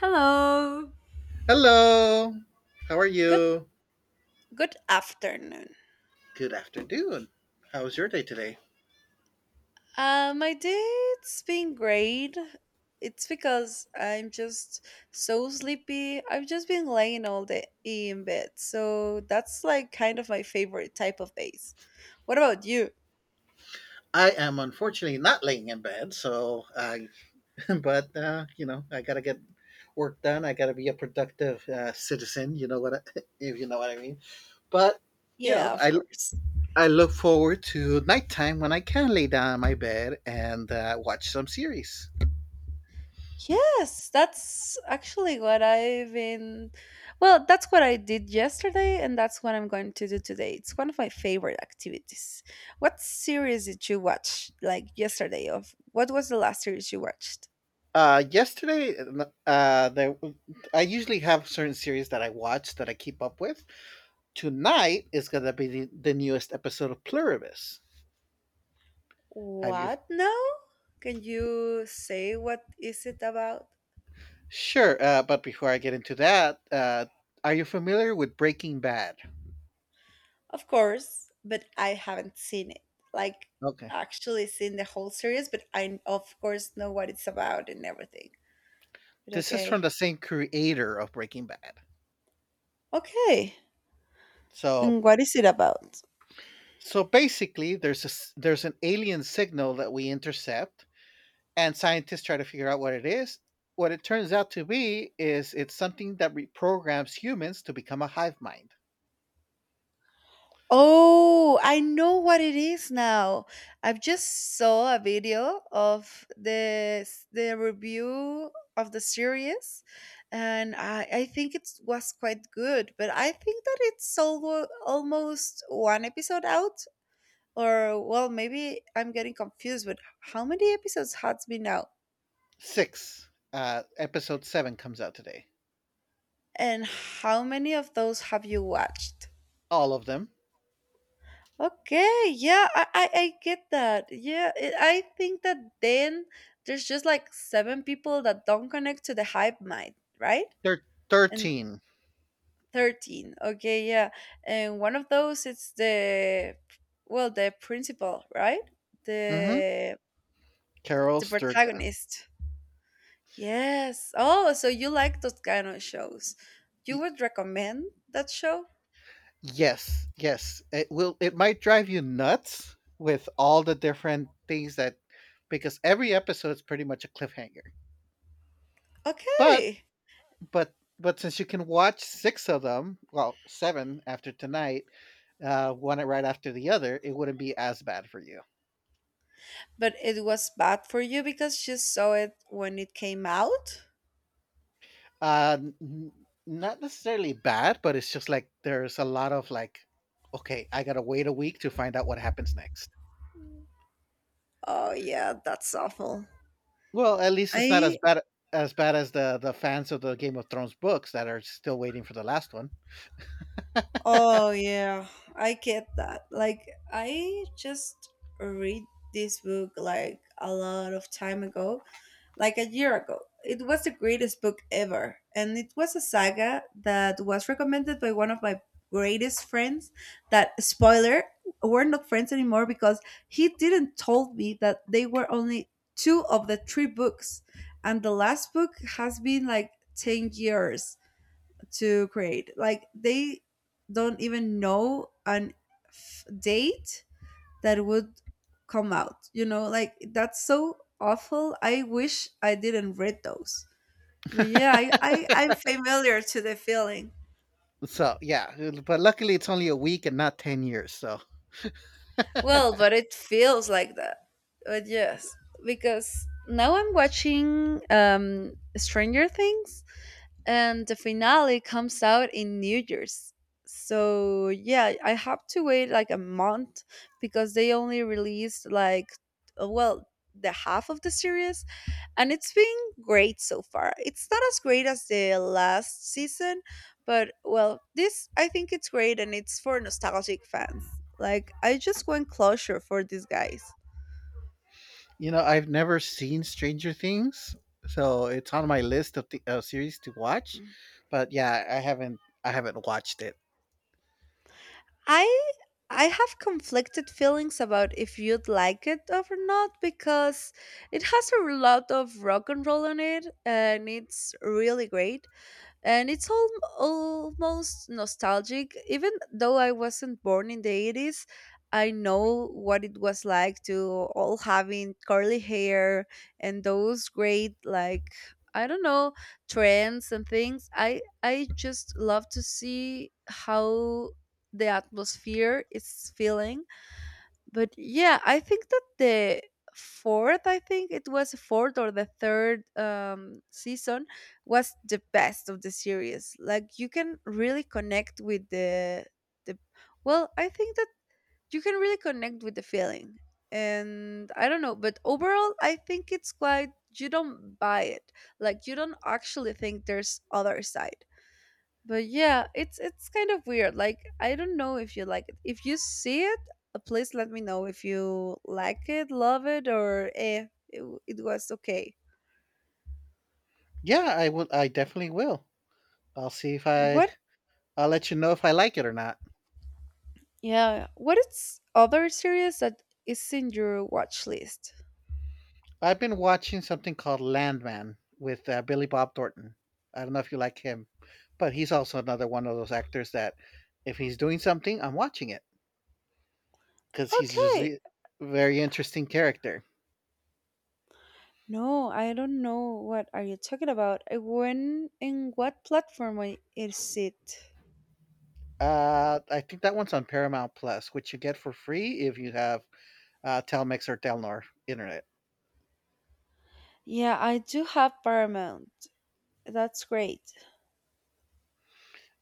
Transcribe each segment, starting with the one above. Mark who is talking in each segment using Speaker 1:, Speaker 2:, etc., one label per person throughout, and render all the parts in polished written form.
Speaker 1: Hello.
Speaker 2: Hello. How are
Speaker 1: Good
Speaker 2: you?
Speaker 1: good afternoon.
Speaker 2: Good afternoon. How was your day today?
Speaker 1: My day it's been great. It's because I'm just so sleepy. I've just been laying all day in bed. So that's like kind of my favorite type of days. What about you?
Speaker 2: I am unfortunately not laying in bed, so I, but I gotta get work done. I gotta be a productive citizen. You know what? I, if you know what I mean. But you know,
Speaker 1: Yeah, of
Speaker 2: I
Speaker 1: course.
Speaker 2: I look forward to nighttime when I can lay down in my bed and watch some series.
Speaker 1: Yes, that's actually what I've been. Well, that's what I did yesterday, and that's what I'm going to do today. It's one of my favorite activities. What series did you watch, like yesterday? Of what was the last series you watched?
Speaker 2: Yesterday, uh, there, I usually have certain series that I watch that I keep up with. Tonight is gonna be the newest episode of Pluribus. Have you?
Speaker 1: What now? Can you say what is it about?
Speaker 2: Sure, but before I get into that, are you familiar with Breaking Bad?
Speaker 1: Of course, but I haven't seen it. Like
Speaker 2: Okay,
Speaker 1: actually seen the whole series, but I of course know what it's about and everything. But
Speaker 2: this is from
Speaker 1: okay,
Speaker 2: the same creator of Breaking Bad.
Speaker 1: okay.
Speaker 2: So,
Speaker 1: And what is it about?
Speaker 2: so basically, there's there's an alien signal that we intercept, and scientists try to figure out what it is. What it turns out to be is it's something that reprograms humans to become a hive mind.
Speaker 1: Oh, I know what it is now. I've just saw a video of the review of the series, and I think it was quite good. But I think that it's almost one episode out, or well, maybe I'm getting confused. But how many episodes has been out,
Speaker 2: Six, episode seven comes out today.
Speaker 1: and how many of those have you watched?
Speaker 2: All of them.
Speaker 1: Okay, yeah, I get that. Yeah, I think that then there's just like seven people that don't connect to the hype mind, right?
Speaker 2: They're
Speaker 1: And
Speaker 2: 13.
Speaker 1: 13. Okay, yeah. And one of those it's the, well, the principal, right?
Speaker 2: Mm-hmm.
Speaker 1: The
Speaker 2: Carol
Speaker 1: the
Speaker 2: Sturka.
Speaker 1: protagonist. Yes. Oh, so you like those kind of shows. You
Speaker 2: Y-
Speaker 1: would recommend that show?
Speaker 2: Yes, yes. It will, it might drive you nuts with all the different things, that because every episode is pretty much a cliffhanger. But
Speaker 1: Okay.
Speaker 2: but since you can watch six of them, well, seven after tonight, one right after the other, it wouldn't be as bad for you.
Speaker 1: But it was bad for you because you saw it when it came out?
Speaker 2: Uh, n- Not necessarily bad, but it's just like there's a lot of like, okay, I gotta wait a week to find out what happens next.
Speaker 1: Oh yeah, that's awful.
Speaker 2: Well, at least it's not as
Speaker 1: I
Speaker 2: bad as the fans of the Game of Thrones books that are still waiting for the last one.
Speaker 1: oh yeah, I get that. Like I just read this book like a lot of time ago, like a year ago. It was the greatest book ever, and it was a saga that was recommended by one of my greatest friends that, spoiler, we're not friends anymore because he didn't told me that they were only two of the three books, and the last book has been like 10 years to create. Like they don't even know an date that would come out. You know, like that's so awful. I wish I didn't read those. But yeah, I'm familiar to the feeling.
Speaker 2: So yeah, but luckily it's only a week and not 10 years. So
Speaker 1: Well, but it feels like that. But yes, because now I'm watching Stranger Things and the finale comes out in New Year's. So yeah, I have to wait like a month because they only released like well, the half of the series, and it's been great so far. It's not as great as the last season, but, well, this I think it's great and it's for nostalgic fans. Like I just want closure for these guys.
Speaker 2: you know, I've never seen Stranger Things, so it's on my list of the series to watch. But yeah, I haven't watched it.
Speaker 1: I I have conflicted feelings about if you'd like it or not, because it has a lot of rock and roll on it and it's really great, and it's almost nostalgic, even though I wasn't born in the 80s. I know what it was like to all having curly hair, and those great, like, I don't know, trends and things. I just love to see how the atmosphere is feeling. But yeah, I think that the fourth, I think it was fourth, or the third season was the best of the series. Like you can really connect with the, well, I think that you can really connect with the feeling. And I don't know, but overall I think it's quite, you don't buy it. Like, you don't actually think there's other side. But yeah, it's kind of weird. Like, I don't know if you like it if you see it. Please let me know if you like it, love it, or it was okay.
Speaker 2: Yeah, I will. I definitely will. I'll see if I.
Speaker 1: What?
Speaker 2: I'll let you know if I like it or not.
Speaker 1: Yeah, what is other series that is in your watch list?
Speaker 2: I've been watching something called Landman with Billy Bob Thornton. I don't know if you like him, but he's also another one of those actors that if he's doing something, I'm watching it because he's
Speaker 1: Okay,
Speaker 2: usually a very interesting character.
Speaker 1: no, I don't know what are you talking about. When, in what platform is it?
Speaker 2: I think that one's on Paramount Plus, which you get for free if you have Telmex or Telnor internet.
Speaker 1: Yeah, I do have Paramount. That's great.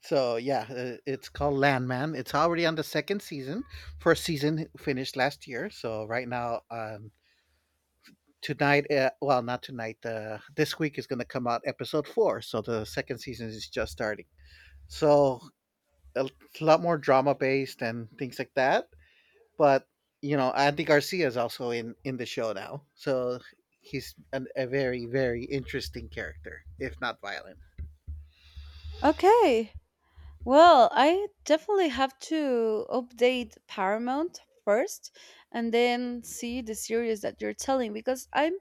Speaker 2: So yeah, it's called Landman. It's already on the second season. First season finished last year, so right now tonight well, not tonight, this week is going to come out episode four, so the second season is just starting. So a lot more drama based and things like that. But you know, Andy Garcia is also in the show now, so he's a very very interesting character, if not violent.
Speaker 1: Okay. Well, I definitely have to update Paramount first and then see the series that you're telling, because I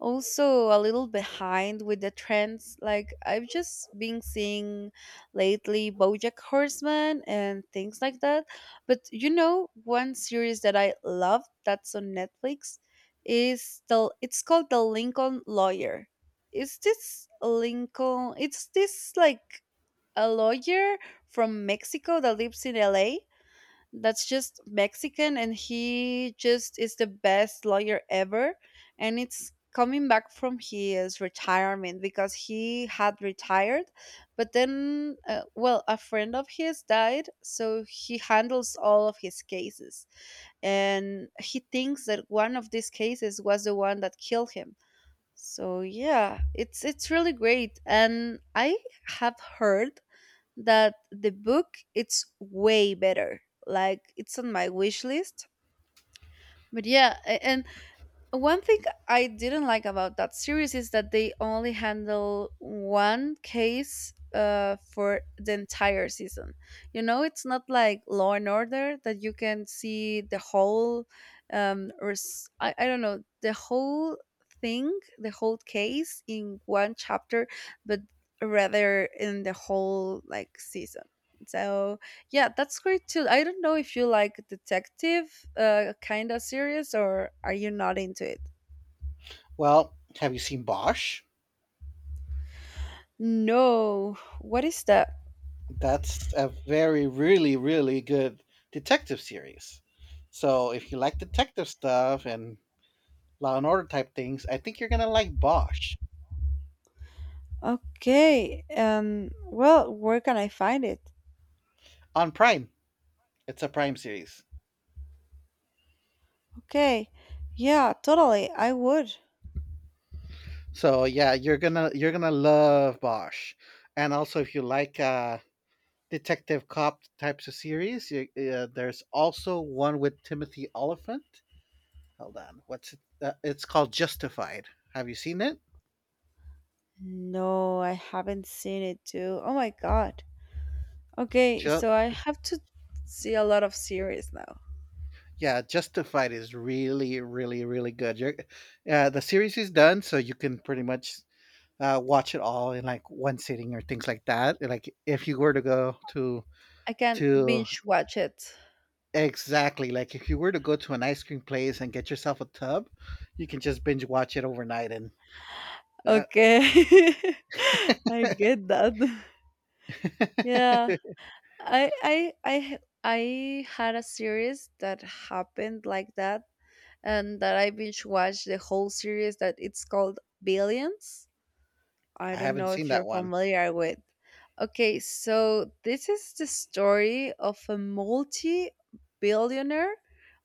Speaker 1: also a little behind with the trends. Like I've just been seeing lately BoJack Horseman and things like that. But you know, one series that I love that's on Netflix is the it's called The Lincoln Lawyer. Is this Lincoln? It's this, like, a lawyer from Mexico that lives in LA, that's just Mexican, and he just is the best lawyer ever, and it's coming back from his retirement because he had retired, but then well, a friend of his died, so he handles all of his cases, and he thinks that one of these cases was the one that killed him. So yeah, it's really great, and I have heard that the book it's way better. Like, it's on my wish list. But yeah, and one thing I didn't like about that series is that they only handle one case for the entire season. You know, it's not like Law and Order, that you can see the whole, or I don't know, the whole thing, the whole case in one chapter, but rather in the whole like season. So yeah, that's great too. I don't know if you like detective kind of series, or are you not into it?
Speaker 2: Well, have you seen Bosch?
Speaker 1: No. What is that?
Speaker 2: That's a very really really good detective series. So if you like detective stuff and Law and Order type things, I think you're gonna like Bosch.
Speaker 1: Okay. Well, where can I find it?
Speaker 2: On Prime. It's a Prime series,
Speaker 1: Okay. Yeah, totally. I would.
Speaker 2: so yeah, you're gonna love Bosch. And also, if you like detective cop types of series, there's also one with Timothy Oliphant. Hold on, what's it? It's called Justified. Have you seen it?
Speaker 1: No, I haven't seen it too. Oh my god. Okay,
Speaker 2: Ju-
Speaker 1: so I have to see a lot of series now.
Speaker 2: yeah, Justified is really, really, really good. The series is done, so you can pretty much watch it all in like one sitting or things like that. Like if you were to go
Speaker 1: I can
Speaker 2: to
Speaker 1: binge watch it.
Speaker 2: exactly, like if you were to go to an ice cream place and get yourself a tub, you can just binge watch it overnight. And uh,
Speaker 1: Okay. I get that.
Speaker 2: I
Speaker 1: Yeah. I had a series that happened like that, and that I binge watched the whole series. That it's called Billions. I don't
Speaker 2: haven't
Speaker 1: know
Speaker 2: seen
Speaker 1: if you're
Speaker 2: that one.
Speaker 1: familiar with. Okay, so this is the story of a multi-billionaire.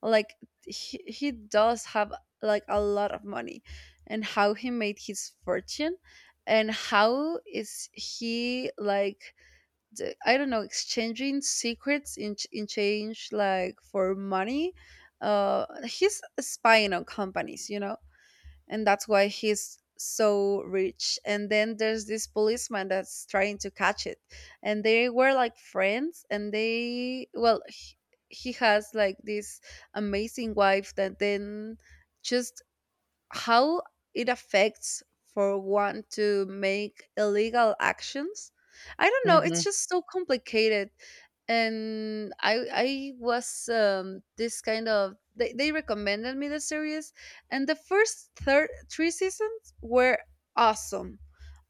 Speaker 1: Like he does have like a lot of money, and how he made his fortune, and how is he, like, I don't know, exchanging secrets in change, like, for money. He's spying on companies, you know, and that's why he's so rich. And then there's this policeman that's trying to catch it, and they were like friends, and they, well, he has like this amazing wife that then just how it affects for one to make illegal actions. I don't know. It's
Speaker 2: Hmm.
Speaker 1: just so complicated, and I was, this kind of, they recommended me the series, and the first third three seasons were awesome,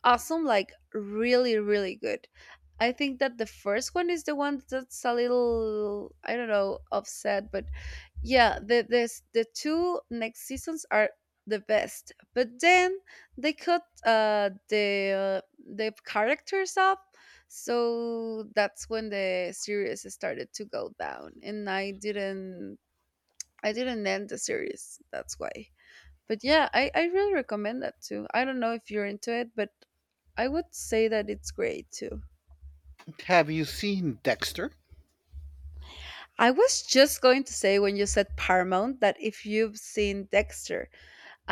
Speaker 1: awesome, like really really good. I think that the first one is the one that's a little, I don't know, upset, but yeah, the two next seasons are the best, but then they cut the characters up. So that's when the series started to go down, and I didn't end the series. That's why. But yeah, I really recommend that too. I don't know if you're into it, but I would say that it's great too.
Speaker 2: Have you seen Dexter?
Speaker 1: I was just going to say when you said Paramount that, if you've seen Dexter.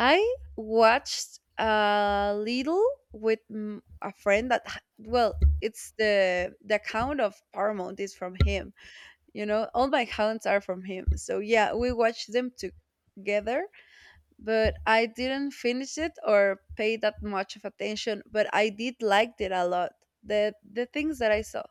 Speaker 1: I watched a little with, a friend that well, it's the account of Paramount is from him. You know, all my accounts are from him. So yeah, we watched them together, but I didn't finish it or pay that much of attention, but I did liked it a lot. The things that I saw.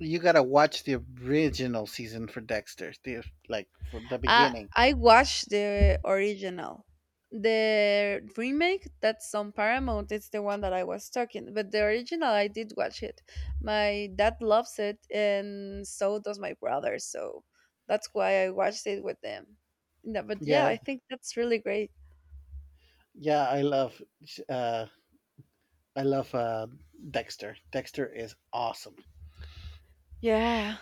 Speaker 2: You gotta watch the original season for Dexter, the like for the
Speaker 1: I
Speaker 2: beginning.
Speaker 1: I watched the original. The remake that's on Paramount, it's the one that I was talking, but the original I did watch it. My dad loves it and so does my brother, so that's why I watched it with them. Yeah, but yeah, I
Speaker 2: Yeah,
Speaker 1: think that's really great.
Speaker 2: yeah, I love, uh, I love uh, Dexter. Dexter is awesome.
Speaker 1: Yeah.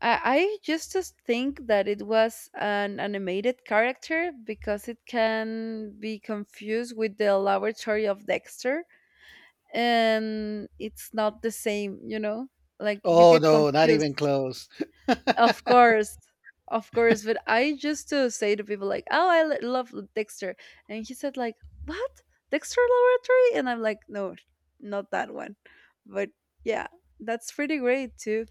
Speaker 1: I just think that it was an animated character, because it can be confused with the laboratory of Dexter, and it's not the same, you know? Like, you
Speaker 2: Oh
Speaker 1: get
Speaker 2: no, not even
Speaker 1: confused.
Speaker 2: close.
Speaker 1: Of course. Of course, but I used to say to people like, "Oh, I love Dexter." And he said like, "What? Dexter Laboratory?" And I'm like, "No, not that one." But yeah, that's pretty great too.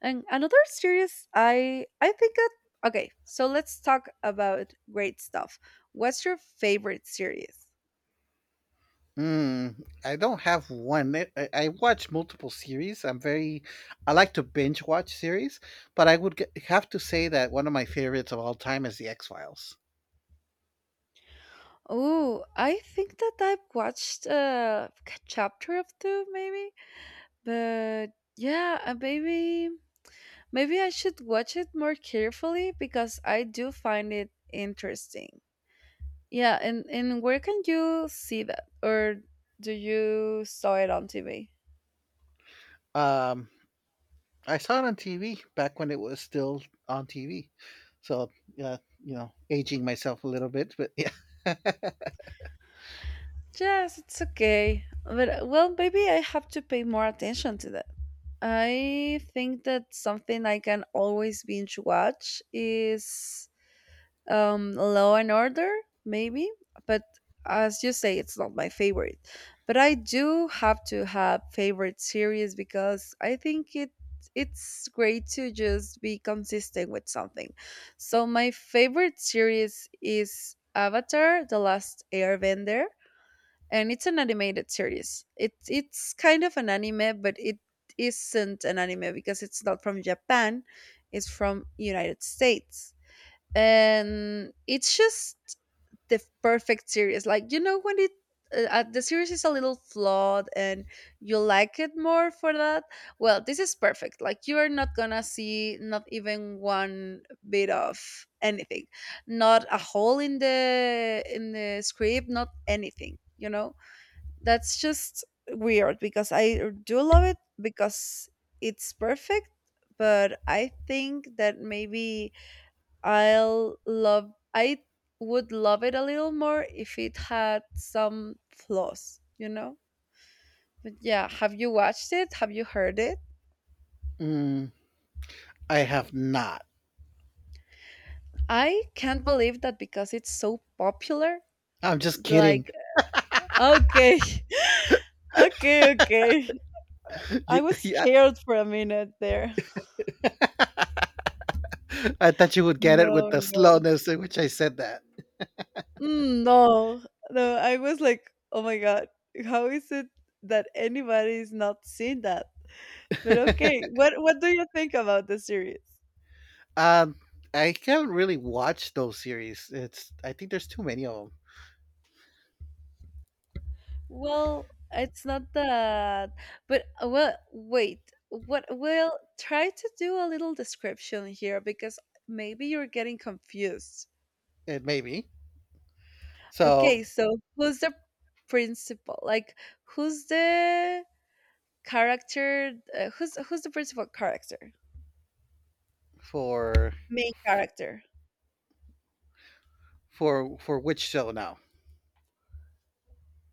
Speaker 1: And another series, I think that, okay, so let's talk about great stuff. What's your favorite series?
Speaker 2: Mm, I don't have one. I watch multiple series. I'm very, I like to binge watch series, but have to say that one of my favorites of all time is The X Files.
Speaker 1: Oh, I think that I've watched like, a chapter of two, maybe. But yeah, maybe I should watch it more carefully, because I do find it interesting. Yeah, and where can you see that, or do you saw it on TV?
Speaker 2: Um, I saw it on TV back when it was still on TV. So, uh, aging myself a little bit, but yeah.
Speaker 1: Yes, it's okay. But well, maybe I have to pay more attention to that. I think that something I can always binge watch is Law and Order, maybe, but as you say, it's not my favorite. But I do have to have favorite series because I think it's great to just be consistent with something. So my favorite series is Avatar: The Last Airbender, and it's an animated series. It's kind of an anime, but it isn't an anime because it's not from Japan. It's from United States, and it's just the perfect series. Like, you know when it the series is a little flawed and you like it more for that? Well, this is perfect. Like, you are not gonna see not even one bit of anything, not a hole in the script, not anything, you know? That's just weird because I do love it because it's perfect. But I think that maybe I would love it a little more if it had some flaws, you know? But yeah, have you watched it? Have you heard it?
Speaker 2: Mm, I have not.
Speaker 1: I can't believe that because it's so popular.
Speaker 2: I'm just kidding.
Speaker 1: Like, okay, okay, okay. I was
Speaker 2: Yeah,
Speaker 1: scared for a minute there.
Speaker 2: I thought you would get it with
Speaker 1: No,
Speaker 2: the
Speaker 1: no.
Speaker 2: slowness in which I said that.
Speaker 1: No, no. I was like, oh my God, how is it that anybody's not seen that? But okay, what do you think about the series?
Speaker 2: Um, I haven't really watched those series. It's I think there's too many of them.
Speaker 1: Well, it's not that. But well, wait. What? Well, try to do a little description here because maybe you're getting confused.
Speaker 2: It may be so.
Speaker 1: Okay, so who's the principal? Like, who's the character? Who's the principal character?
Speaker 2: for
Speaker 1: Main
Speaker 2: for
Speaker 1: character.
Speaker 2: for, which show now?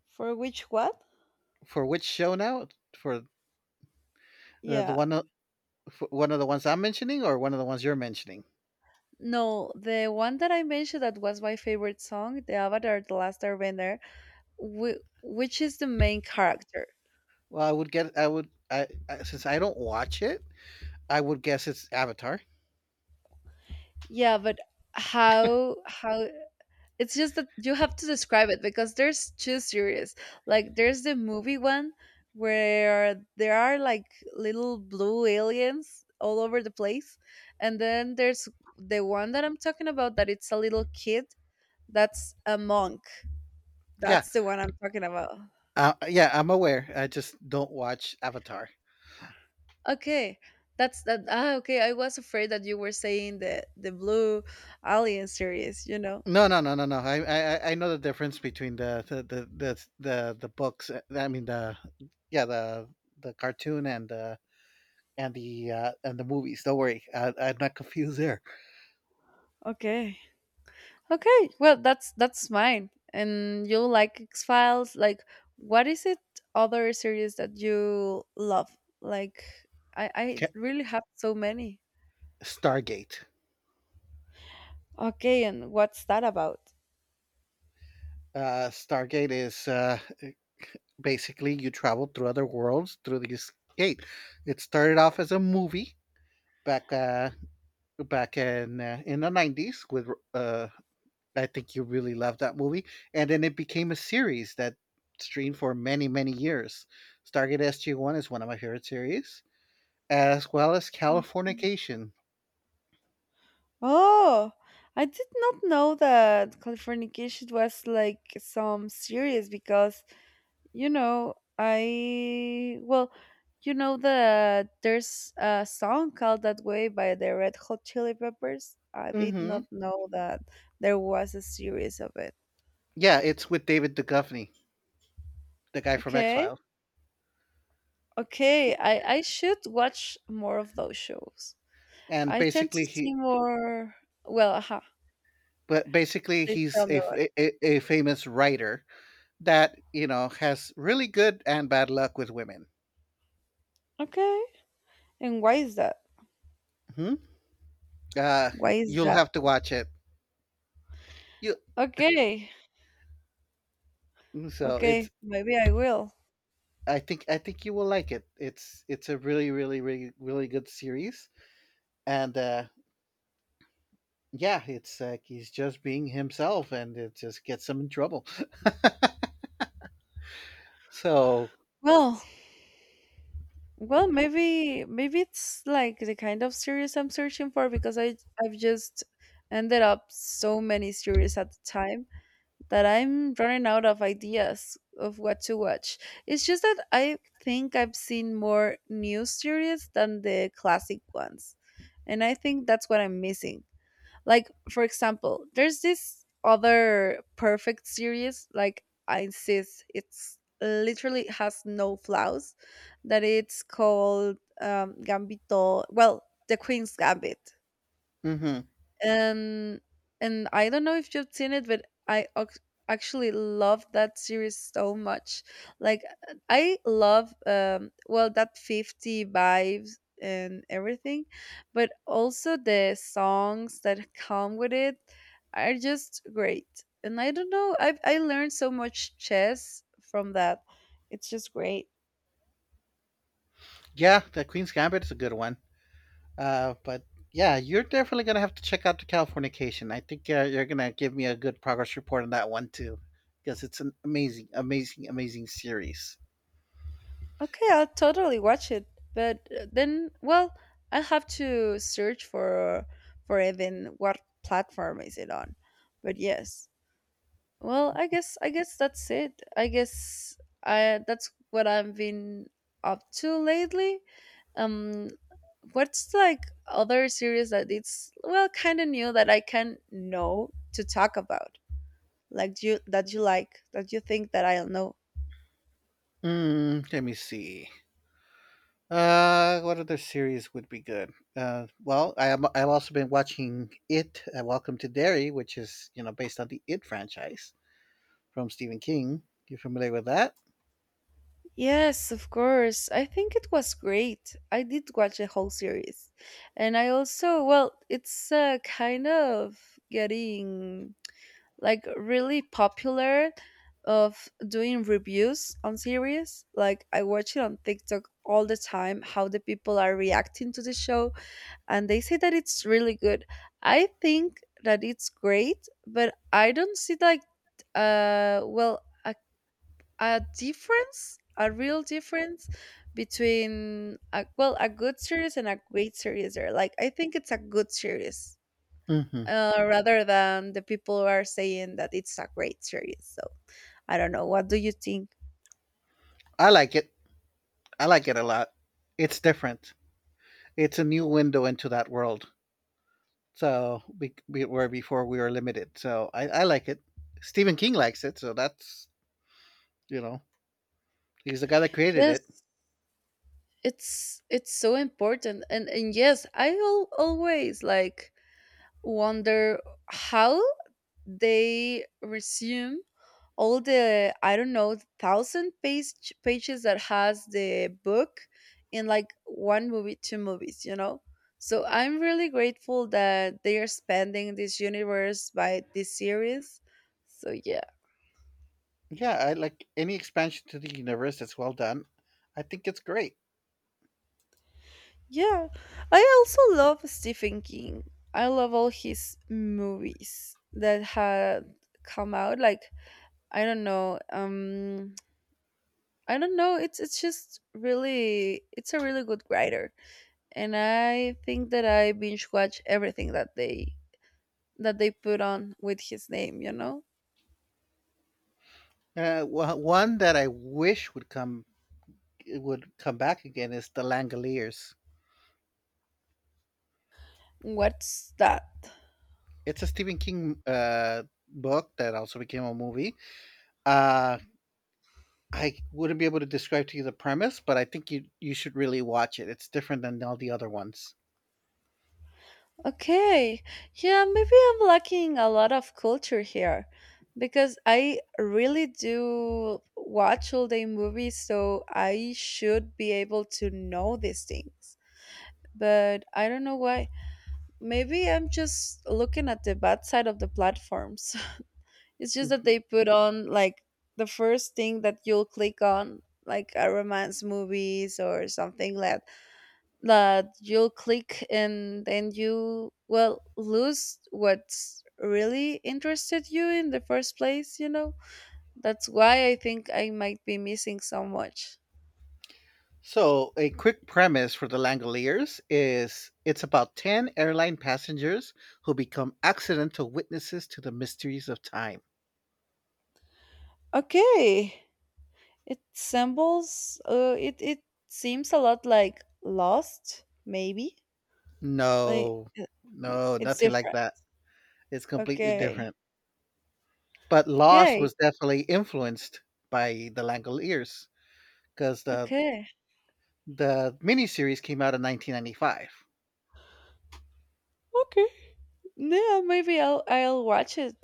Speaker 1: For which what?
Speaker 2: For which show now? For the, the
Speaker 1: Yeah.
Speaker 2: one o- for one of the ones I'm mentioning or one of the ones you're mentioning?
Speaker 1: No, the one that I mentioned that was my favorite song, the Avatar: The Last Airbender, which is the main character?
Speaker 2: Well, I would get I would I since I don't watch it, I would guess it's Avatar.
Speaker 1: Yeah, but how it's just that you have to describe it because there's two series. Like, there's the movie one where there are like little blue aliens all over the place. And then there's the one that I'm talking about that it's a little kid that's a monk.
Speaker 2: Yeah,
Speaker 1: That's the one I'm talking about.
Speaker 2: yeah, I'm aware. I just don't watch Avatar.
Speaker 1: Okay. That's that, okay, I was afraid that you were saying the blue alien series, you know.
Speaker 2: No, no, no, no, no. I know the difference between the books. Yeah, the, the cartoon and the movies. Don't worry, I'm not confused there.
Speaker 1: Okay. Okay, well that's mine. And you like X Files? Like, what is it, other series that you love? Like, I
Speaker 2: Okay.
Speaker 1: really have so many.
Speaker 2: Stargate.
Speaker 1: Okay, and what's that about?
Speaker 2: Stargate is basically you travel through other worlds through this gate. It started off as a movie back, uh, back in the '90s with I think you really loved that movie. And then it became a series that streamed for many, many years. Stargate SG-1 is one of my favorite series, as well as
Speaker 1: Mhm.
Speaker 2: Californication.
Speaker 1: Oh, I did not know that Californication was like some series because, you know, I, well, you know there's a song called that way by the Red Hot Chili Peppers. I did
Speaker 2: Hmm.
Speaker 1: not know that there was a series of it.
Speaker 2: Yeah, it's with David Duchovny, the guy from
Speaker 1: Okay,
Speaker 2: X-Files.
Speaker 1: okay, I should watch more of those shows.
Speaker 2: And
Speaker 1: I tend
Speaker 2: basically
Speaker 1: to
Speaker 2: he
Speaker 1: see more. Well, aha,
Speaker 2: but basically
Speaker 1: please
Speaker 2: he's
Speaker 1: tell me
Speaker 2: a, f-
Speaker 1: about it.
Speaker 2: a famous writer that, you know, has really good and bad luck with women.
Speaker 1: Okay, and why is that?
Speaker 2: Hmm. Uh,
Speaker 1: Why is
Speaker 2: you'll
Speaker 1: that?
Speaker 2: have to watch it. You
Speaker 1: Okay,
Speaker 2: so
Speaker 1: okay,
Speaker 2: it's
Speaker 1: maybe I will.
Speaker 2: I think you will like it. It's a really really really really good series, and yeah, it's like he's just being himself, and it just gets him in trouble. So
Speaker 1: Well, well, maybe it's like the kind of series I'm searching for because I've just ended up so many series at the time that I'm running out of ideas of what to watch. It's just that I think I've seen more new series than the classic ones. And I think that's what I'm missing. Like, for example, there's this other perfect series. Like, I insist, it's literally has no flaws. That it's called Gambito. Well, The Queen's Gambit.
Speaker 2: hmm,
Speaker 1: And I don't know if you've seen it, but I ac- actually love that series so much. Like, I love well, that 50 vibes and everything, but also the songs that come with it are just great. And I don't know, I learned so much chess from that. It's just great.
Speaker 2: yeah, the Queen's Gambit is a good one. But yeah, you're definitely gonna have to check out the Californication. I think you're gonna give me a good progress report on that one too, because it's an amazing amazing amazing series.
Speaker 1: Okay, I'll totally watch it. But then, well, I have to search for even what platform is it on. But yes, well, I guess that's it. I guess I that's what I've been up to lately. Um, what's like other series that it's, well, kind of new that I can know to talk about, like, do you that you think that I'll know.
Speaker 2: Mm, let me see. What other series would be good? Well, I've also been watching It, Welcome to Derry, which is, you know, based on the It franchise from Stephen King. You familiar with that?
Speaker 1: Yes, of course. I think it was great. I did watch the whole series. And I also, well, it's kind of getting like really popular of doing reviews on series. Like, I watch it on TikTok all the time how the people are reacting to the show, and they say that it's really good. I think that it's great, but I don't see like well, a difference, a real difference between a, well, a good series and a great series there. Like, I think it's a good series.
Speaker 2: Hmm.
Speaker 1: Rather than the people who are saying that it's a great series. So I don't know. What do you think?
Speaker 2: I like it. I like it a lot. It's different. It's a new window into that world. So we where before we were limited. So I like it. Stephen King likes it. So that's, you know, he's the guy that created
Speaker 1: Yes,
Speaker 2: it.
Speaker 1: it's so important. And yes, I al always like wonder how they resume all the, I don't know, thousand page, pages that has the book in like one movie, two movies, you know? So I'm really grateful that they are spending this universe by this series. So yeah,
Speaker 2: Yeah, I like any expansion to the universe that's well done. I think it's great.
Speaker 1: yeah, I also love Stephen King. I love all his movies that had come out, like, I don't know, I don't know. It's just really, it's a really good writer, and I think that I binge watch everything that they put on with his name, you know.
Speaker 2: One that I wish would come back again is The Langoliers.
Speaker 1: What's that?
Speaker 2: It's a Stephen King book that also became a movie. Uh, I wouldn't be able to describe to you the premise, but I think you should really watch it. It's different than all the other ones.
Speaker 1: Okay, yeah, maybe I'm lacking a lot of culture here, because I really do watch all day movies, so I should be able to know these things. But I don't know why. Maybe I'm just looking at the bad side of the platforms. It's just that
Speaker 2: Mhm.
Speaker 1: they put on like the first thing that you'll click on, like a romance movies or something that you'll click and then you, well, lose what's really interested you in the first place, you know? That's why I think I might be missing so much.
Speaker 2: So, a quick premise for The Langoliers is it's about 10 airline passengers who become accidental witnesses to the mysteries of time.
Speaker 1: Okay. It sembles, it, it seems a lot like Lost, maybe. Like,
Speaker 2: No,
Speaker 1: uh,
Speaker 2: no,
Speaker 1: it's
Speaker 2: nothing like
Speaker 1: different.
Speaker 2: that. It's completely
Speaker 1: Okay.
Speaker 2: different. But Lost
Speaker 1: Okay.
Speaker 2: was definitely influenced by The Langoliers, because the
Speaker 1: Okay.
Speaker 2: the miniseries came out in 1995.
Speaker 1: Okay. Yeah, maybe I'll watch it.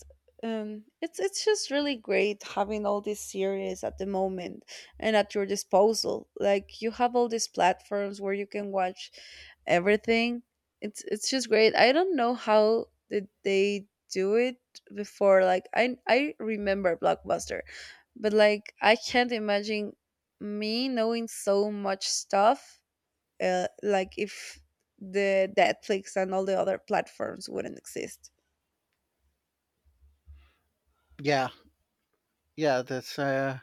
Speaker 1: It's just really great having all these series at the moment and at your disposal. Like, you have all these platforms where you can watch everything. It's just great. I don't know how did they do it before. Like, I remember Blockbuster, but like, I can't imagine me knowing so much stuff like if the Netflix and all the other platforms wouldn't exist.
Speaker 2: Yeah, yeah, that's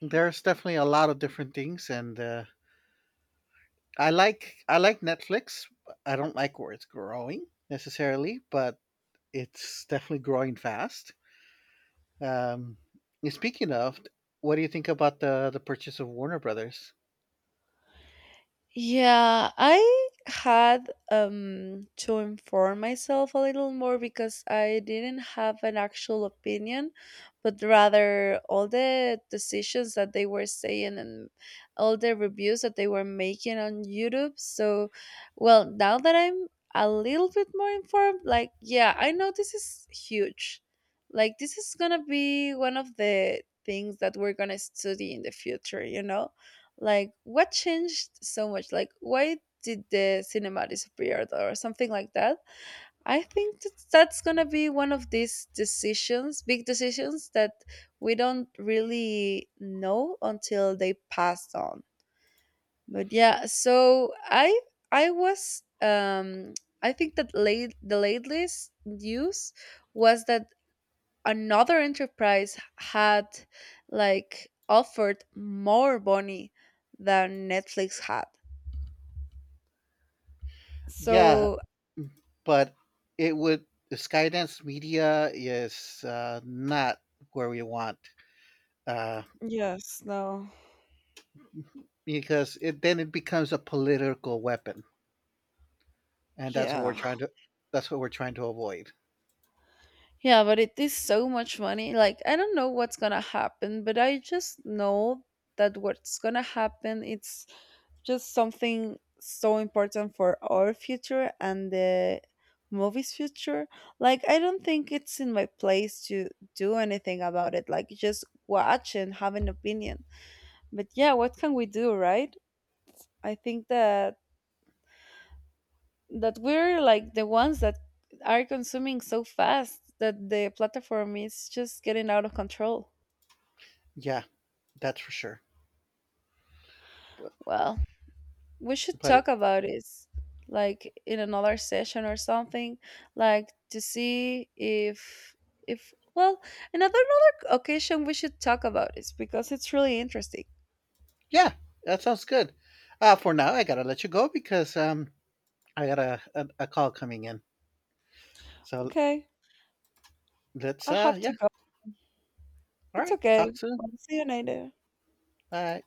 Speaker 2: there's definitely a lot of different things, and I like Netflix. I don't like where it's growing necessarily, but it's definitely growing fast. Um, and speaking of, what do you think about the purchase of Warner Brothers?
Speaker 1: Yeah, I had to inform myself a little more because I didn't have an actual opinion, but rather all the decisions that they were saying and all the reviews that they were making on YouTube. So, well, now that I'm a little bit more informed, like, yeah, I know this is huge. Like, this is gonna be one of the things that we're gonna study in the future, you know? Like, what changed so much? Like, why did the cinema disappear or something like that? I think that that's gonna be one of these decisions, big decisions that we don't really know until they passed on. But yeah, so I was, I think that late the latest news was that another enterprise had like offered more money than Netflix had.
Speaker 2: Yeah,
Speaker 1: So
Speaker 2: but it would Skydance Media is not where we want, uh,
Speaker 1: yes, no.
Speaker 2: because it then it becomes a political weapon, and
Speaker 1: Yeah.
Speaker 2: that's what we're trying to avoid.
Speaker 1: Yeah, but it is so much money. Like, I don't know what's gonna happen, but I just know that what's gonna happen, it's just something so important for our future and the movie's future. Like, I don't think it's in my place to do anything about it. Like, just watch and have an opinion. But yeah, what can we do, right? I think that we're like the ones that are consuming so fast that the platform is just getting out of control.
Speaker 2: Yeah, that's for sure. But,
Speaker 1: Well, we should
Speaker 2: but
Speaker 1: talk
Speaker 2: it,
Speaker 1: about it like in another session or something, like to see if, well, in another, another occasion we should talk about it because it's really interesting.
Speaker 2: yeah, that sounds good. For now, I gotta let you go because I got a call coming in. So
Speaker 1: Okay,
Speaker 2: let's
Speaker 1: I have to
Speaker 2: yeah,
Speaker 1: go.
Speaker 2: all
Speaker 1: It's
Speaker 2: right,
Speaker 1: okay.
Speaker 2: talk soon.
Speaker 1: I'll see you later.
Speaker 2: Bye.